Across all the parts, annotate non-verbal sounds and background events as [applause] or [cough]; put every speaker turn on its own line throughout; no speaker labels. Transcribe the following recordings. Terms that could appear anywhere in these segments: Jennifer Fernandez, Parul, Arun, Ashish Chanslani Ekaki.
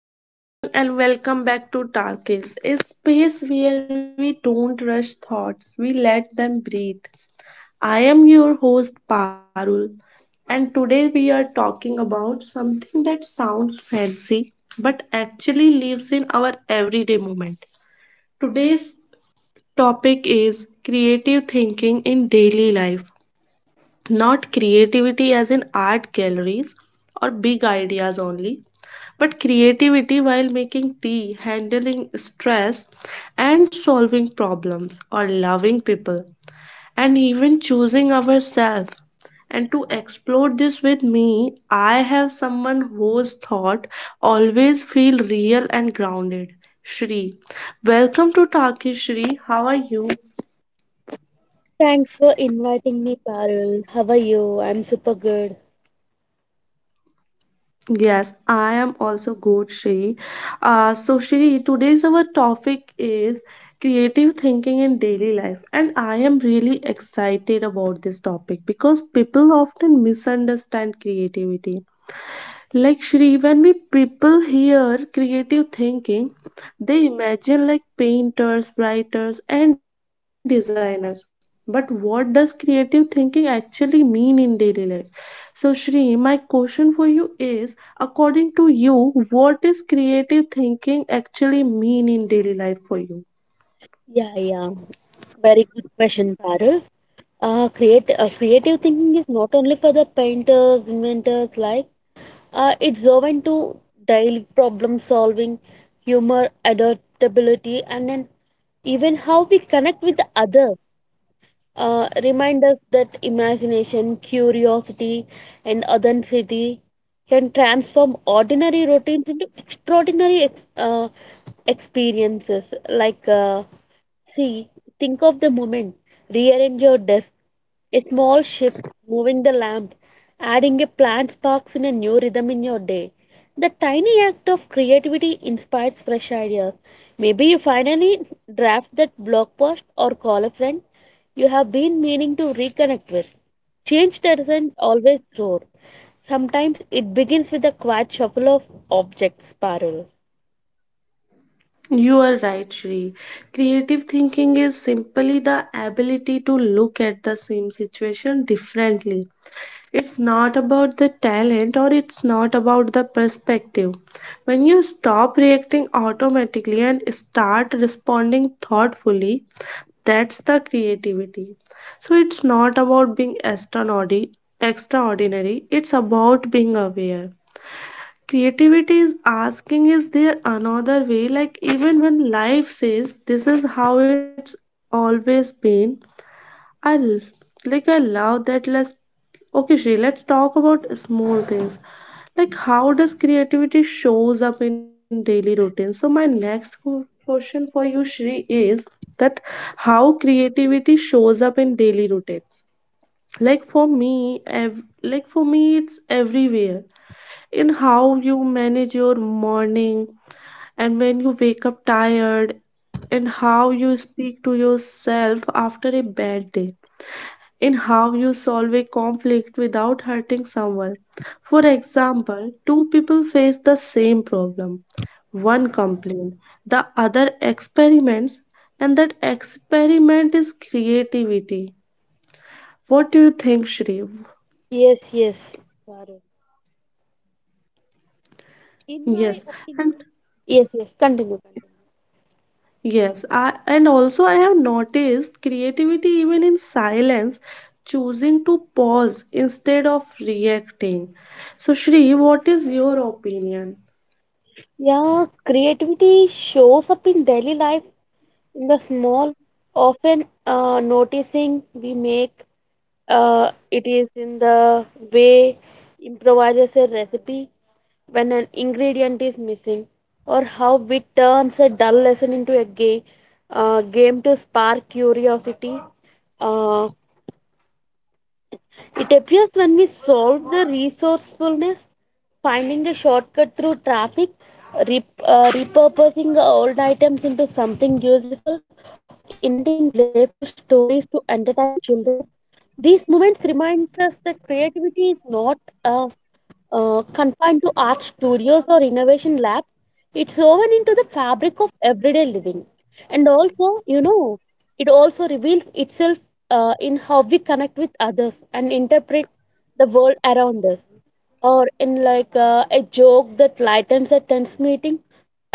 Hello, everyone, and welcome back to Talkies, a space where we don't rush thoughts, we let them breathe. I am your host, Parul, and today we are talking about something that sounds fancy but actually lives in our everyday moment. Today's topic is creative thinking in daily life. Not creativity as in art galleries or big ideas only, but creativity while making tea, handling stress, and solving problems, or loving people, and even choosing ourselves. And to explore this with me, I have someone whose thought always feel real and grounded. Shri, welcome to Taki Shri. How are you?
Thanks for inviting me, Parul. How are you? I'm super good.
Yes, I am also good, Shri. So, Shri, today's our topic is creative thinking in daily life, and I am really excited about this topic because people often misunderstand creativity like Shri, when we people hear creative thinking, they imagine like painters, writers, and designers. But what does creative thinking actually mean in daily life? So, Shri, my question for you is according to you, what is creative thinking actually mean in daily life for you?
Yeah, yeah. Very good question, Parul. Creative thinking is not only for the painters, inventors, like it's open to daily problem solving, humor, adaptability, and then even how we connect with others. Remind us that imagination, curiosity, and authenticity can transform ordinary routines into extraordinary experiences. See, think of the moment, rearrange your desk, a small shift, moving the lamp, adding a plant sparks in a new rhythm in your day. The tiny act of creativity inspires fresh ideas. Maybe you finally draft that blog post or call a friend you have been meaning to reconnect with. Change doesn't always roar. Sometimes it begins with a quiet shuffle of objects, Parul.
You are right, Shri. Creative thinking is simply the ability to look at the same situation differently. It's not about the talent or it's not about the perspective. When you stop reacting automatically and start responding thoughtfully, that's the creativity. So it's not about being extraordinary, extraordinary. It's about being aware. Creativity is asking, is there another way? Like even when life says this is how it's always been. I l- like I love that. Let's okay, Shri, let's talk about small things. Like how does creativity shows up in daily routine? So my next question for you, Shri, is that how creativity shows up in daily routines like for me like for me it's everywhere in how you manage your morning and when you wake up tired and how you speak to yourself after a bad day in how you solve a conflict without hurting someone. For example, two people face the same problem. One complains, the other experiments, and that experiment is creativity. What do you think, Shri?
Yes, yes, Parul. In
Yes,
my
and
opinion, yes, yes, continue.
yes, I, and also I have noticed creativity even in silence, choosing to pause instead of reacting. So, Shri, what is your opinion?
Yeah, creativity shows up in daily life in the small, often noticing we make. It is in the way improvises a recipe when an ingredient is missing, or how we turns a dull lesson into a game, game to spark curiosity. Uh, it appears when we solve the resourcefulness, finding a shortcut through traffic, repurposing old items into something useful, or inventing playful stories to entertain children. These moments reminds us that creativity is not a confined to art studios or innovation labs. It's woven into the fabric of everyday living. And also, you know, it also reveals itself in how we connect with others and interpret the world around us. Or in like a joke that lightens a tense meeting,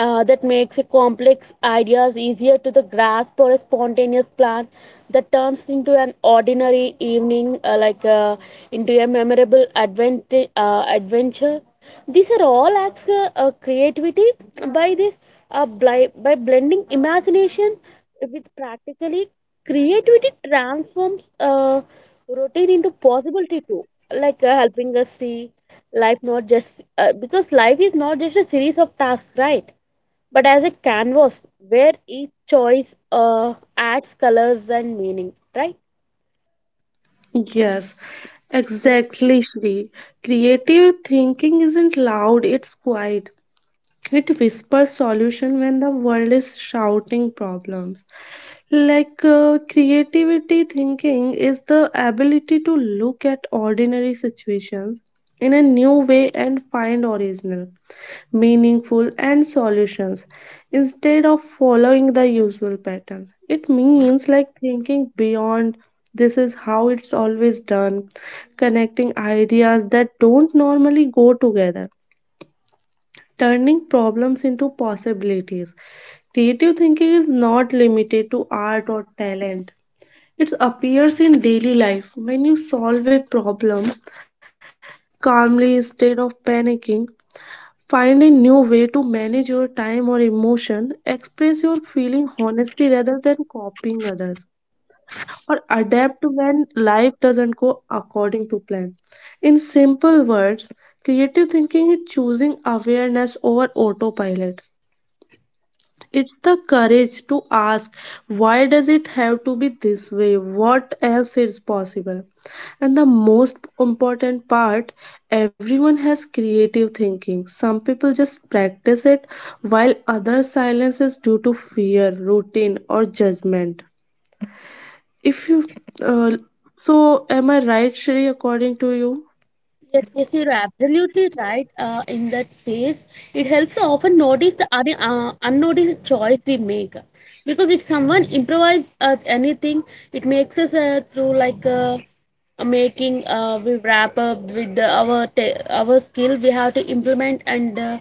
that makes a complex ideas easier to the grasp, or a spontaneous plan that turns into an ordinary evening into a memorable adventure. These are all acts creativity by blending imagination with practically. Creativity transforms routine into possibility too, like helping us see life not just because life is not just a series of tasks, right? But as a canvas where each choice adds colors and meaning, right?
Yes, exactly, Shri. Creative thinking isn't loud, it's quiet. It whispers solution when the world is shouting problems. Like creativity thinking is the ability to look at ordinary situations in a new way and find original, meaningful, and solutions instead of following the usual patterns. It means like thinking beyond this is how it's always done, connecting ideas that don't normally go together, turning problems into possibilities. Creative thinking is not limited to art or talent. It appears in daily life when you solve a problem calmly instead of panicking. Find a new way to manage your time or emotion, express your feeling honestly rather than copying others, or adapt when life doesn't go according to plan. In simple words, creative thinking is choosing awareness over autopilot. It's the courage to ask, why does it have to be this way? What else is possible? And the most important part, everyone has creative thinking. Some people just practice it, while others silence is due to fear, routine, or judgment. If you, uh, so am I right, Shri, according to you?
Yes, yes, you're absolutely right. In that phase, it helps to often notice the other unnoticed choice we make, because if someone improvise at anything, it makes us through like making. We wrap up with our our skill. We have to implement, and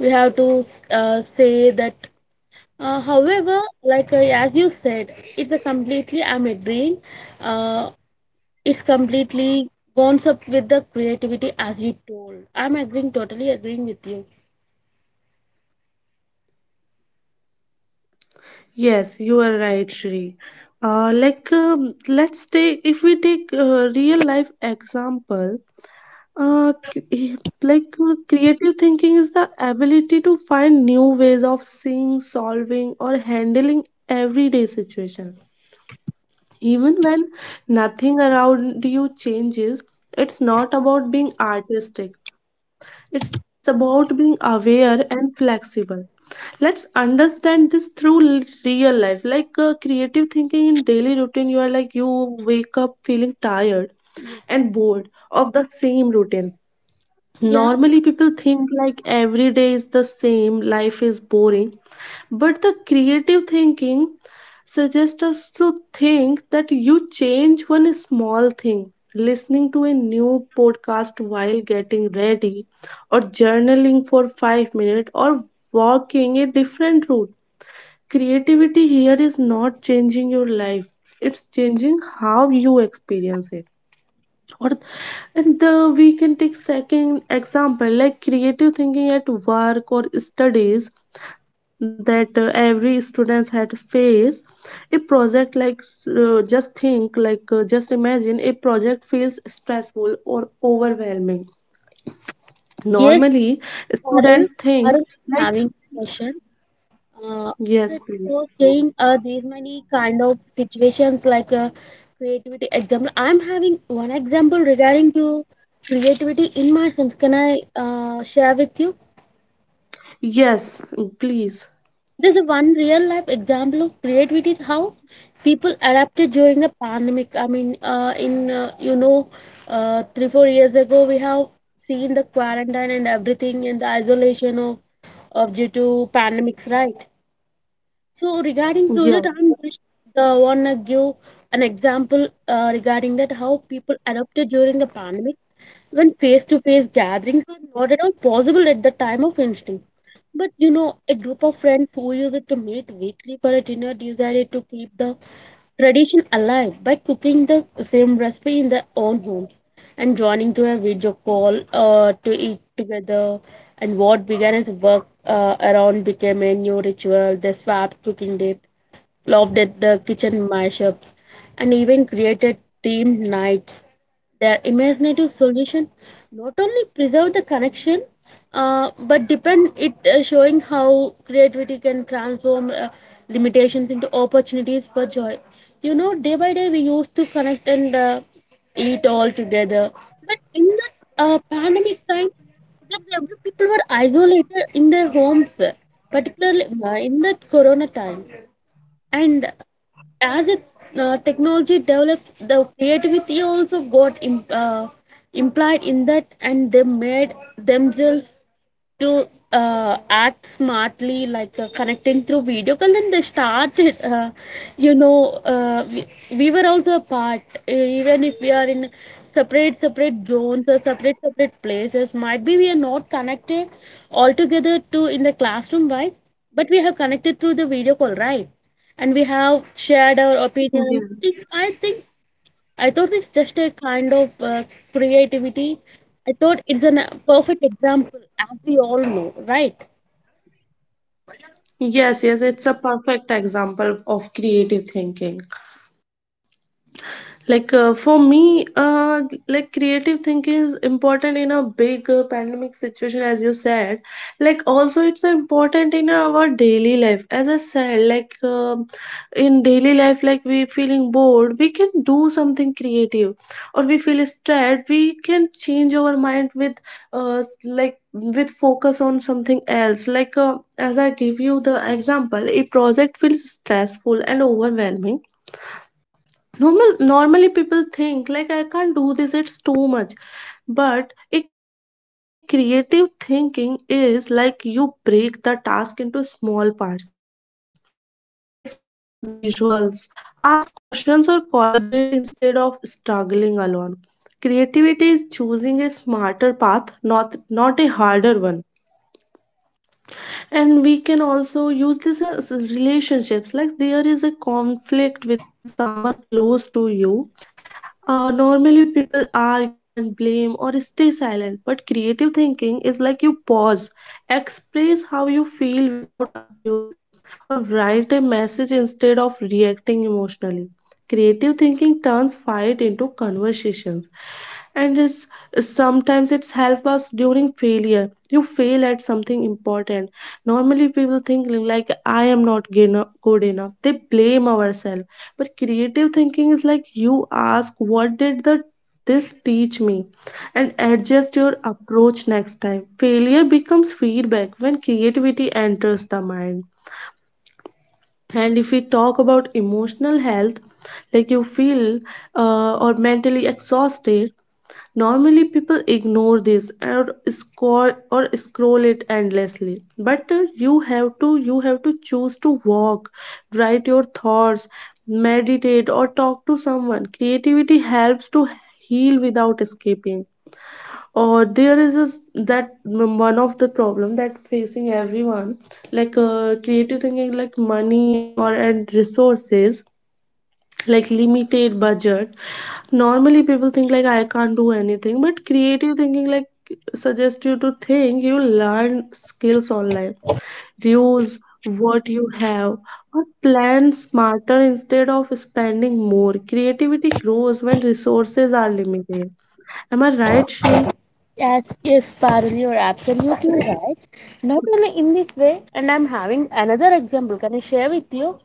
we have to say that. However, as you said, it's a completely. I'm agreeing. Uh, is completely gone up with the creativity as you told. I'm agreeing, totally agreeing with you.
Yes, you are right, Shri. Like, let's take if we take real life example. Like creative thinking is the ability to find new ways of seeing, solving, or handling everyday situation. Even when nothing around you changes, it's not about being artistic. It's about being aware and flexible. Let's understand this through real life. Like creative thinking in daily routine, you are like you wake up feeling tired and bored of the same routine.
Yeah,
Normally people think like every day is the same, life is boring, but the creative thinking suggests us to think that you change one small thing, listening to a new podcast while getting ready, or journaling for 5 minutes, or walking a different route. Creativity here is not changing your life, it's changing how you experience it. Or, and the, we can take second example like creative thinking at work or studies, that every students had to face a project. Like just think, like just imagine a project feels stressful or overwhelming.
yes,
Normally student
Arun,
think
Arun,
like
having a question. Uh,
yes
that
please,
you're saying these many kind of situations, creativity example. I'm having one example regarding to creativity in my sense. Can I share with you?
yes please,
There's a one real life example of creativity is how people adapted during the pandemic. I mean, in you know, 3-4 years ago, we have seen the quarantine and everything and the isolation of due to pandemics, right? So regarding through
yeah,
that, I'm just wanna give an example regarding that how people adopted during the pandemic when face-to-face gatherings were not at all possible at the time of instinct. But you know, a group of friends who used to meet weekly for a dinner decided to keep the tradition alive by cooking the same recipe in their own homes and joining to a video call to eat together. And what began as work around became a new ritual. They swapped cooking tips, laughed at the kitchen mashups, and even created themed nights. Their imaginative solution not only preserved the connection, but depend it, showing how creativity can transform limitations into opportunities for joy. You know, day by day we used to connect and eat all together. But in the pandemic time, that every people were isolated in their homes, particularly in that corona time, and as a technology develops, the creativity also got implied in that, and they made themselves to act smartly, like connecting through video call, and they started you know, uh, we, we were also a part, even if we are in separate zones or separate places, might be we are not connected altogether to in the classroom wise, but we have connected through the video call, right? And we have shared our
yeah,
opinions. It's, I think, I thought it's just a kind of creativity. I thought it's a perfect example, as we all know, right?
yes, yes, it's a perfect example of creative thinking. Like for me, like creative thinking is important in a big pandemic situation as you said. Like also it's important in our daily life, as I said. Like, in daily life, like we feeling bored, we can do something creative, or we feel stressed, we can change our mind with like with focus on something else. Like as I give you the example, a project feels stressful and overwhelming. Normally people think like I can't do this, it's too much. But a creative thinking is like you break the task into small parts, like use visuals, ask questions, or collaborate instead of struggling alone. Creativity is choosing a smarter path, not a harder one. And we can also use this in a relationships. Like there is a conflict with someone close to you. Normally people argue and blame or stay silent, but creative thinking is like you pause, express how you feel without accusing, or write a message instead of reacting emotionally. Creative thinking turns fight into conversations. And it's sometimes it's help us during failure. You fail something important. Normally, people think like, I am not good enough. They blame ourselves. But creative thinking is like you ask, what did the this teach me? And adjust your approach next time. Failure becomes feedback when creativity enters the mind. And if we talk about emotional health, like you feel or mentally exhausted. Normally, people ignore this or scroll, or scroll it endlessly. But you have to choose to walk, write your thoughts, meditate, or talk to. Creativity helps to heal without escaping. Or there is a, that one of the problem that facing everyone, like creative thinking, like money or and resources, like limited budget. Normally people think like I can't do anything, but creative thinking like suggest you to think you learn skills online, use what you have, or plan smarter instead of spending more. Creativity grows when resources are limited. Am I right, Shri?
Yes, yes, Parul, you're absolutely right. Not only in this way, and I'm having another example. Can I share with you?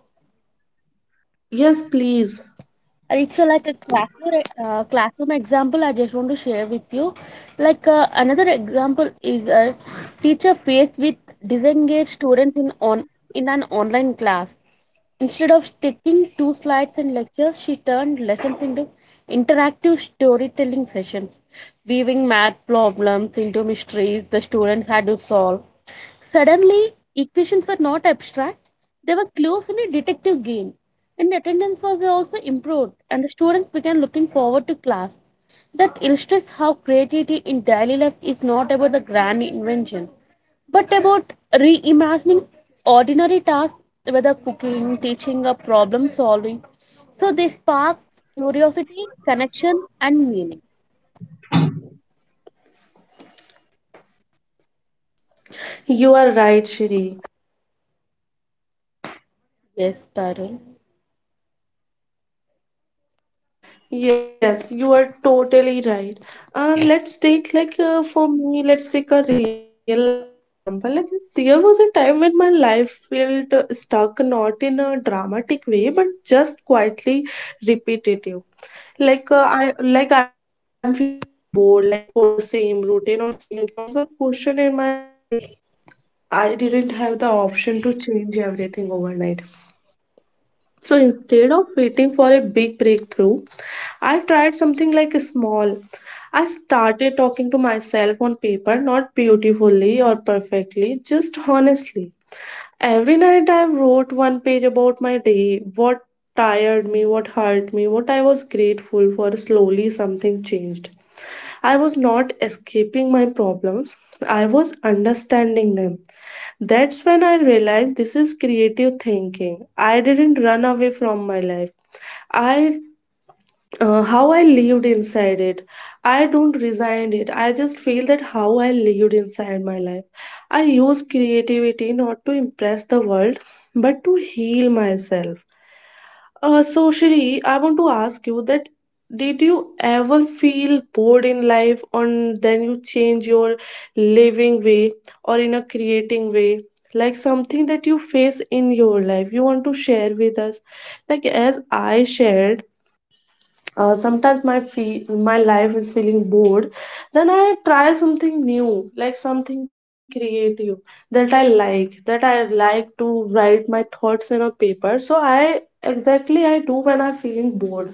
Yes please,
It's like a classroom example I just want to share with you. Like, another example is a teacher faced with disengaged students in on in an online class. Instead of sticking two slides and lectures, she turned lessons into interactive storytelling sessions, weaving math problems into mysteries the students had to solve. Suddenly, equations were not abstract, they were clues in a detective game. And attendance was also improved, and the students began looking forward to class. That illustrates how creativity in daily life is not about the grand inventions, but about reimagining ordinary tasks, whether cooking, teaching, or problem solving. So they spark curiosity, connection, and meaning.
you are right, Shri.
Yes, Parul.
Yes, you are totally right. Let's take, like for me, let's take a real life example. Like there was a time when my life felt stuck, not in a dramatic way, but just quietly repetitive. Like I like I'm feeling bored, like for the same routine or same thoughts or question in my head. Like I didn't have the option to change everything overnight. So instead of waiting for a big breakthrough, I tried something like small. I started myself on paper, not beautifully or perfectly, just honestly. Every night I wrote one page about my day, what tired me, what hurt me, what I was grateful for. Slowly something changed. I was not escaping my problems, I was understanding them. That's when I realized this is creative thinking. I didn't run away from my life. I how I lived inside it. I don't resign it. I just feel that how I lived inside my life. I use creativity not to impress the world, but to heal myself. So Shri, I want to ask you that did you ever feel bored in life and then you change your living way or in a creating way? Like something that you face in your life, you want to share with us. Like as I shared, sometimes my my life is feeling bored, then I try something new, like something creative, that I like, that I like to write my thoughts in a paper. So I exactly I do when I'm feeling bored,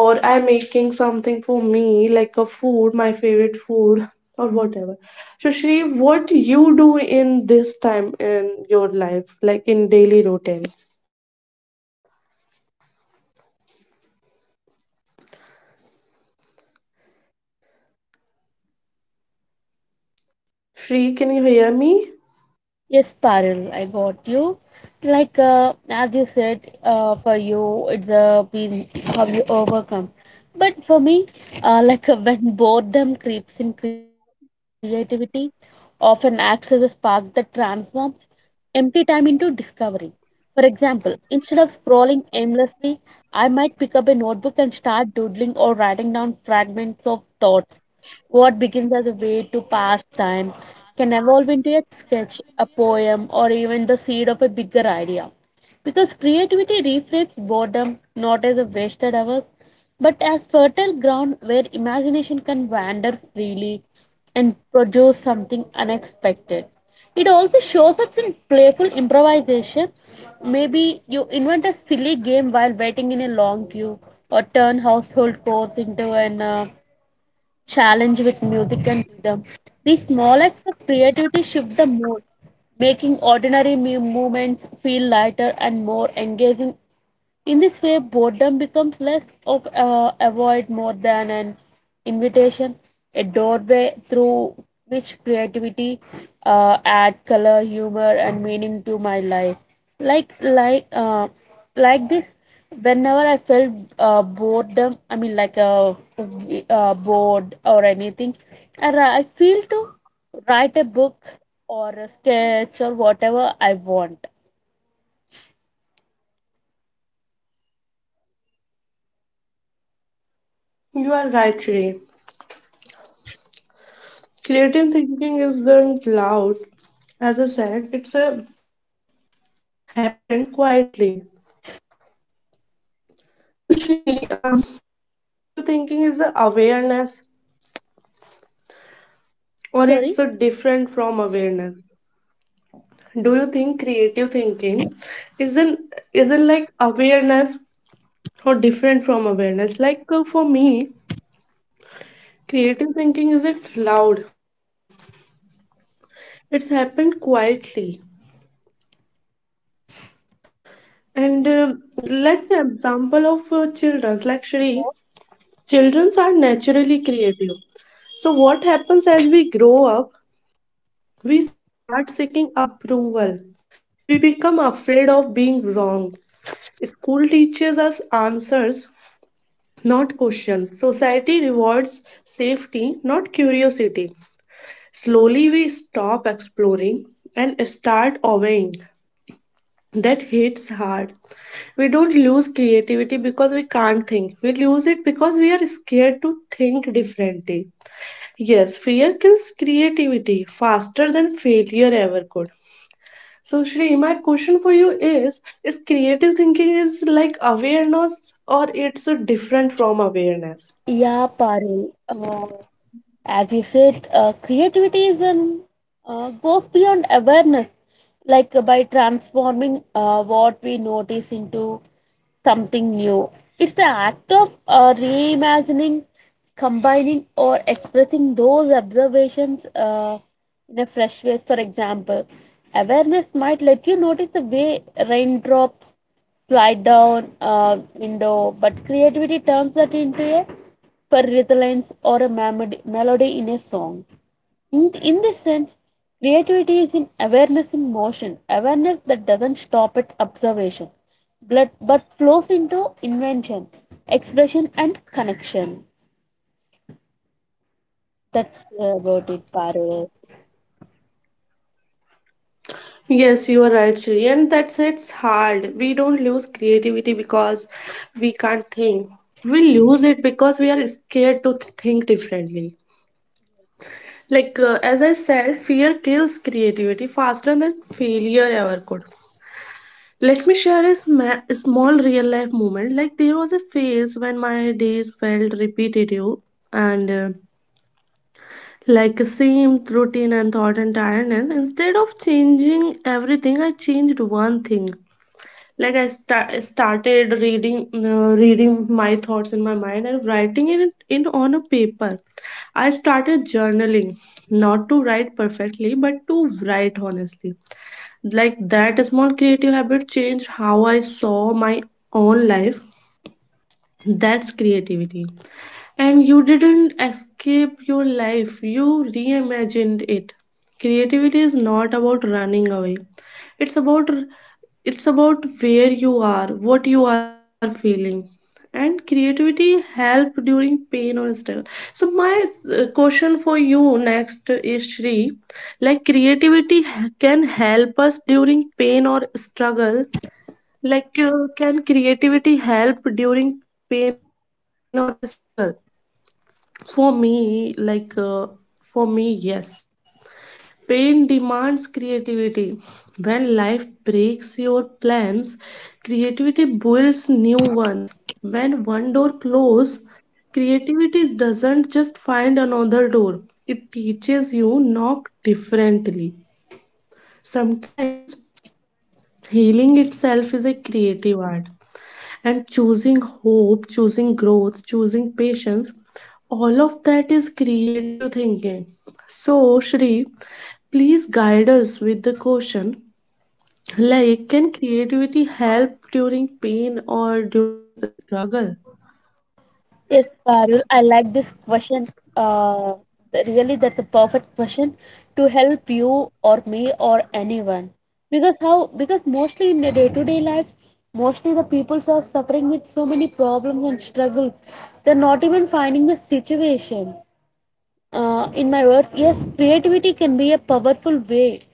or I'm making something for me, like a food, my favorite food, or whatever. So Shri, what you do in this time in your life, like in daily routine? Shri, can you hear me?
Yes, Parul, I got you. Like, as you said, for you it's a been how you overcome. But for me, [laughs] like when boredom creeps in, creativity often acts as a spark that transforms empty time into discovery. For example, instead of scrolling aimlessly, I might pick up a notebook and start doodling or writing down fragments of thoughts. What begins as a way to pass time can evolve into a sketch, a poem, or even the seed of a bigger idea. Because creativity reframes boredom not as a wasted hours but as fertile ground where imagination can wander freely and produce something unexpected. It also shows up in playful improvisation. Maybe you invent a silly game while waiting in a long queue, or turn household chores into an challenge with music and rhythm. These small acts of creativity shift the mood, making ordinary moments feel lighter and more engaging. In this way, boredom becomes less of a avoid more than an invitation, a doorway through which creativity add color, humor, and meaning to my life. Like like uh, like this, whenever I felt boredom, I mean like a bored or anything, and I feel to write a book or a sketch or whatever I want.
You are right, Shri. Creative thinking isn't loud. As I said, it's a happened quietly. So, Shri, do you think creative thinking is a awareness or
Sorry.
it's a different from awareness? Do you think creative thinking isn't isn't like awareness or different from awareness? Like for me, creative thinking isn't loud. It's happened quietly. And um, let's take an example of children. Actually, children are naturally creative. So, what happens as we grow up, we start seeking approval. We become afraid of being wrong. School teaches us answers, not questions. Rewards safety, not curiosity. Slowly, we stop exploring and start obeying. That hits hard. We don't lose creativity because we can't think. We lose it because are scared to think differently. Yes, fear kills creativity faster than failure ever could. So, Shri, my question for you is creative thinking is like awareness or it's a different from awareness?
Yeah, Parul. As you said, creativity is an goes beyond awareness, like by transforming what we notice into something new. It's the act of reimagining, combining, or expressing those observations in a fresh way. For example, awareness might let you notice the way raindrops slide down a window, but creativity turns that into a per rhythm lines or a melody in a song. In this sense, creativity is an awareness in motion, awareness that doesn't stop at observation, but flows into invention, expression, and connection. That's about it, Parul.
Yes, you are right, Shri. And that's it's hard. We don't lose creativity because we can't think. We lose it because we are scared to think differently. As I said, fear kills creativity faster than failure ever could. Let me share a small real life moment. Like, there was a phase when my days felt repetitive and like the same routine and thought and tiredness. Instead of changing everything, I changed one thing, like I started reading, reading my thoughts in my mind and writing it in on a paper. I started journaling, not to write perfectly but to write honestly. Like that small creative habit changed how I saw my own life. That's creativity. And you didn't escape your life, you reimagined it. Creativity is not about running away. It's about it's about where you are, what you are feeling. And creativity help during pain or struggle. So my question for you next is, Shri, like creativity can help us during pain or struggle. Can creativity help during pain or struggle? For me, for me, yes. Pain demands creativity. When life breaks your plans, creativity builds new ones. When one door closes, creativity doesn't just find another door, it teaches you knock differently. Sometimes healing itself is a creative art. And choosing hope, choosing growth, choosing patience, all is creative thinking. So, Shri, please guide us with the question, like, can creativity help during pain or during a struggle?
Yes, Parul, I like this question. Uh, Really, that's a perfect question to help you or me or anyone. Because how? Because mostly in the day-to-day lives, mostly the peoples are suffering with so many problems and struggles. They're not even finding the situation. In my words, yes, creativity can be a powerful way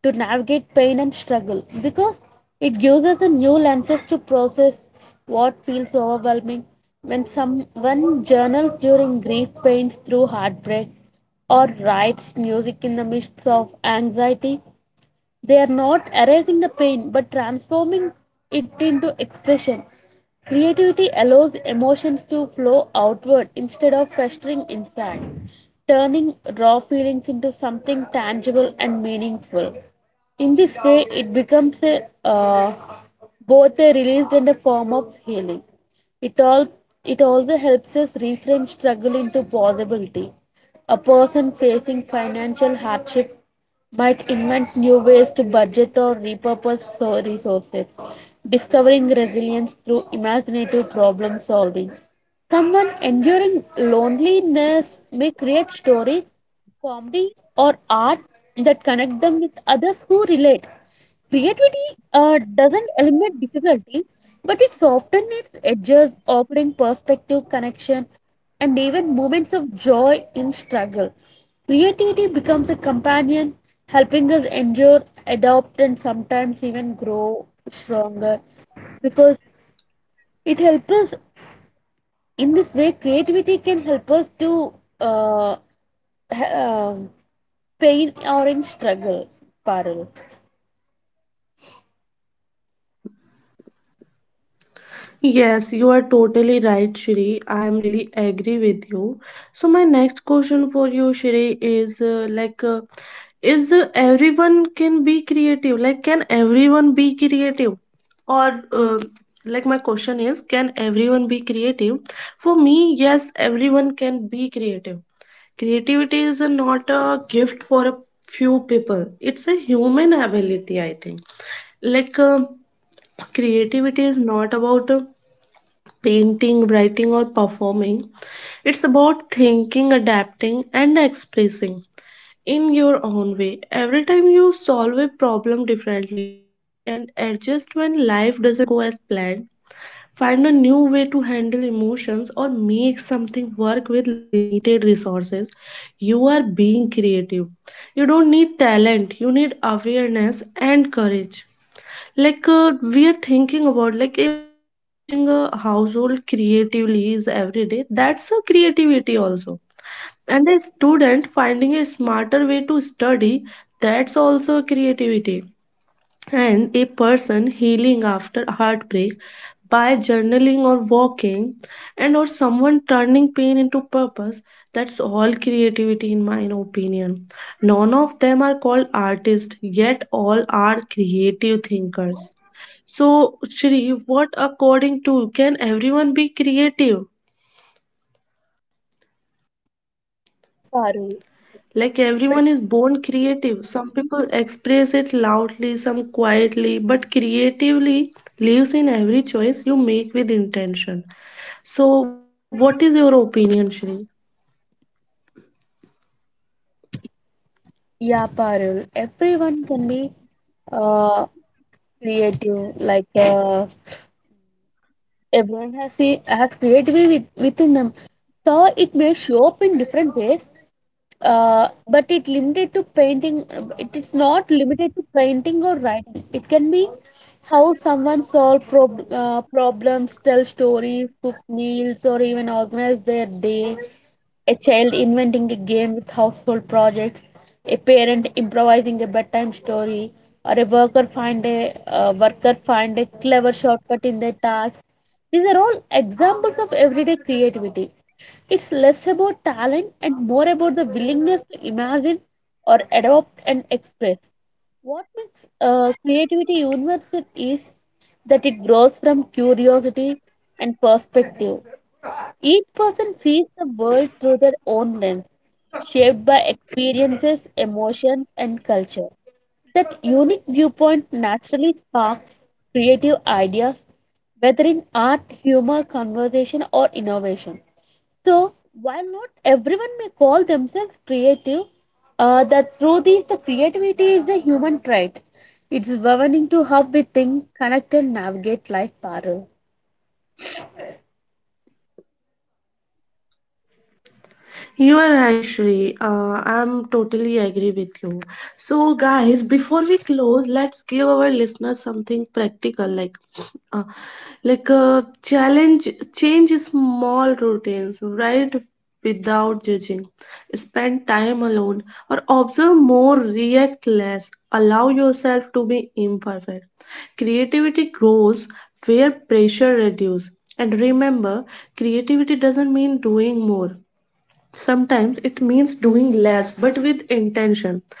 to navigate pain and struggle because it gives us a new lenses to process what feels overwhelming. When someone journals during grief, pains through heartbreak, or writes music in the midst of anxiety, they are not erasing the pain but transforming it into expression. Creativity allows emotions to flow outward instead of festering inside, turning raw feelings into something tangible and meaningful. In this way, it becomes a both are released in the form of healing. It all it also helps us reframe struggle into possibility. A person facing financial hardship might invent new ways to budget or repurpose resources, discovering resilience through imaginative problem solving. Someone enduring loneliness may create stories, comedy, or art that connect them with others who relate. Creativity doesn't eliminate difficulty, but it softens its edges, offering perspective, connection, and even moments of joy in struggle. Creativity becomes a companion, helping us endure, adapt, and sometimes even grow stronger because it helps us in this way. Creativity can help us to uh, h- um pain or in struggle. Parul.
Yes, you are totally right, Shri. I am really agree with you. So my next question for you, Shri, is is everyone can be creative? Like, can everyone be creative? Or like my question is, can everyone be creative? For me, everyone can be creative. Creativity is not a gift for a few people. It's a human ability, I think. Like, uh, creativity is not about painting, writing, or performing. It's about thinking, adapting, and expressing in your own way. Every time you solve a problem differently and adjust when life doesn't go as planned, find a new way to handle emotions or make something work with limited resources, you are being creative. You don't need talent, you need awareness and courage. We are thinking about like a mother managing a household creatively is every day, that's a creativity also, and a student finding a smarter way to study, that's also creativity, and a person healing after heartbreak by journaling or walking, someone turning pain into purpose, that's all creativity in my opinion. None of them are called artists, yet all are creative thinkers. So, Shri, what according to, can everyone be creative?
Yes, Parul.
Like everyone is born creative. Some people express it loudly, some quietly, but creatively lives in every choice you make with intention. So, what is your opinion, Shri?
Yeah, Parul. Everyone can be uh, creative. Like, everyone has creativity within them. So it may show up in different ways, but it limited to painting. It is not limited to painting or writing. It can be how someone solve problems, tell stories, cook meals, or even organize their day. A child inventing a game with household projects, a parent improvising a bedtime story, or a worker find a clever shortcut in their tasks. These are all examples of everyday creativity. It's less about talent and more about the willingness to imagine or adopt and express. What makes creativity universal is that it grows from curiosity and perspective. Each person sees the world through their own lens, shaped by experiences, emotions, and culture. That unique viewpoint naturally sparks creative ideas, whether in art, humor, conversation, or innovation. So, while not everyone may call themselves creative, the truth is the creativity is a human trait. It's woven into how we think, connect, and navigate life, Parul.
You are right, Shri. I'm totally agree with you. So, guys, before we close, let's give our listeners something practical, uh, like a challenge. Change small routines, right? Without judging, spend time alone, or observe more, react less. Allow yourself to be imperfect. Creativity grows where pressure reduces. And remember, creativity doesn't mean doing more. Sometimes it means doing less but with intention.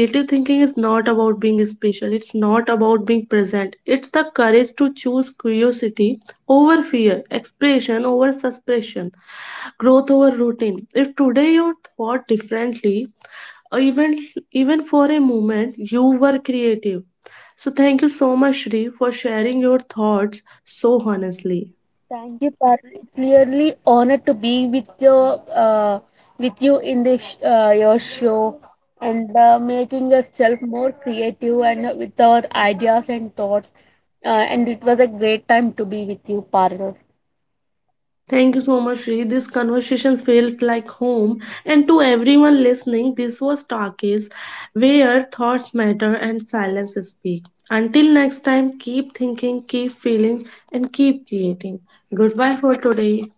Creative thinking is not about being special, about being present. It's the courage to choose curiosity over fear, expression over suppression, growth over routine. If today you thought differently, uh, even even for a moment, you were creative. So thank you so much, Shri, for sharing your thoughts so honestly.
Thank you, Parul. It's really honored to be with your uh, with you in this your show, and making yourself more creative, and with our ideas and thoughts. And it was a great time to be with you, Parul.
Thank you so much, Shri. These conversations felt like home. And to everyone listening, this was Talkies, where thoughts matter and silence speak. Until next time, keep thinking, keep feeling, and keep creating. Goodbye for today.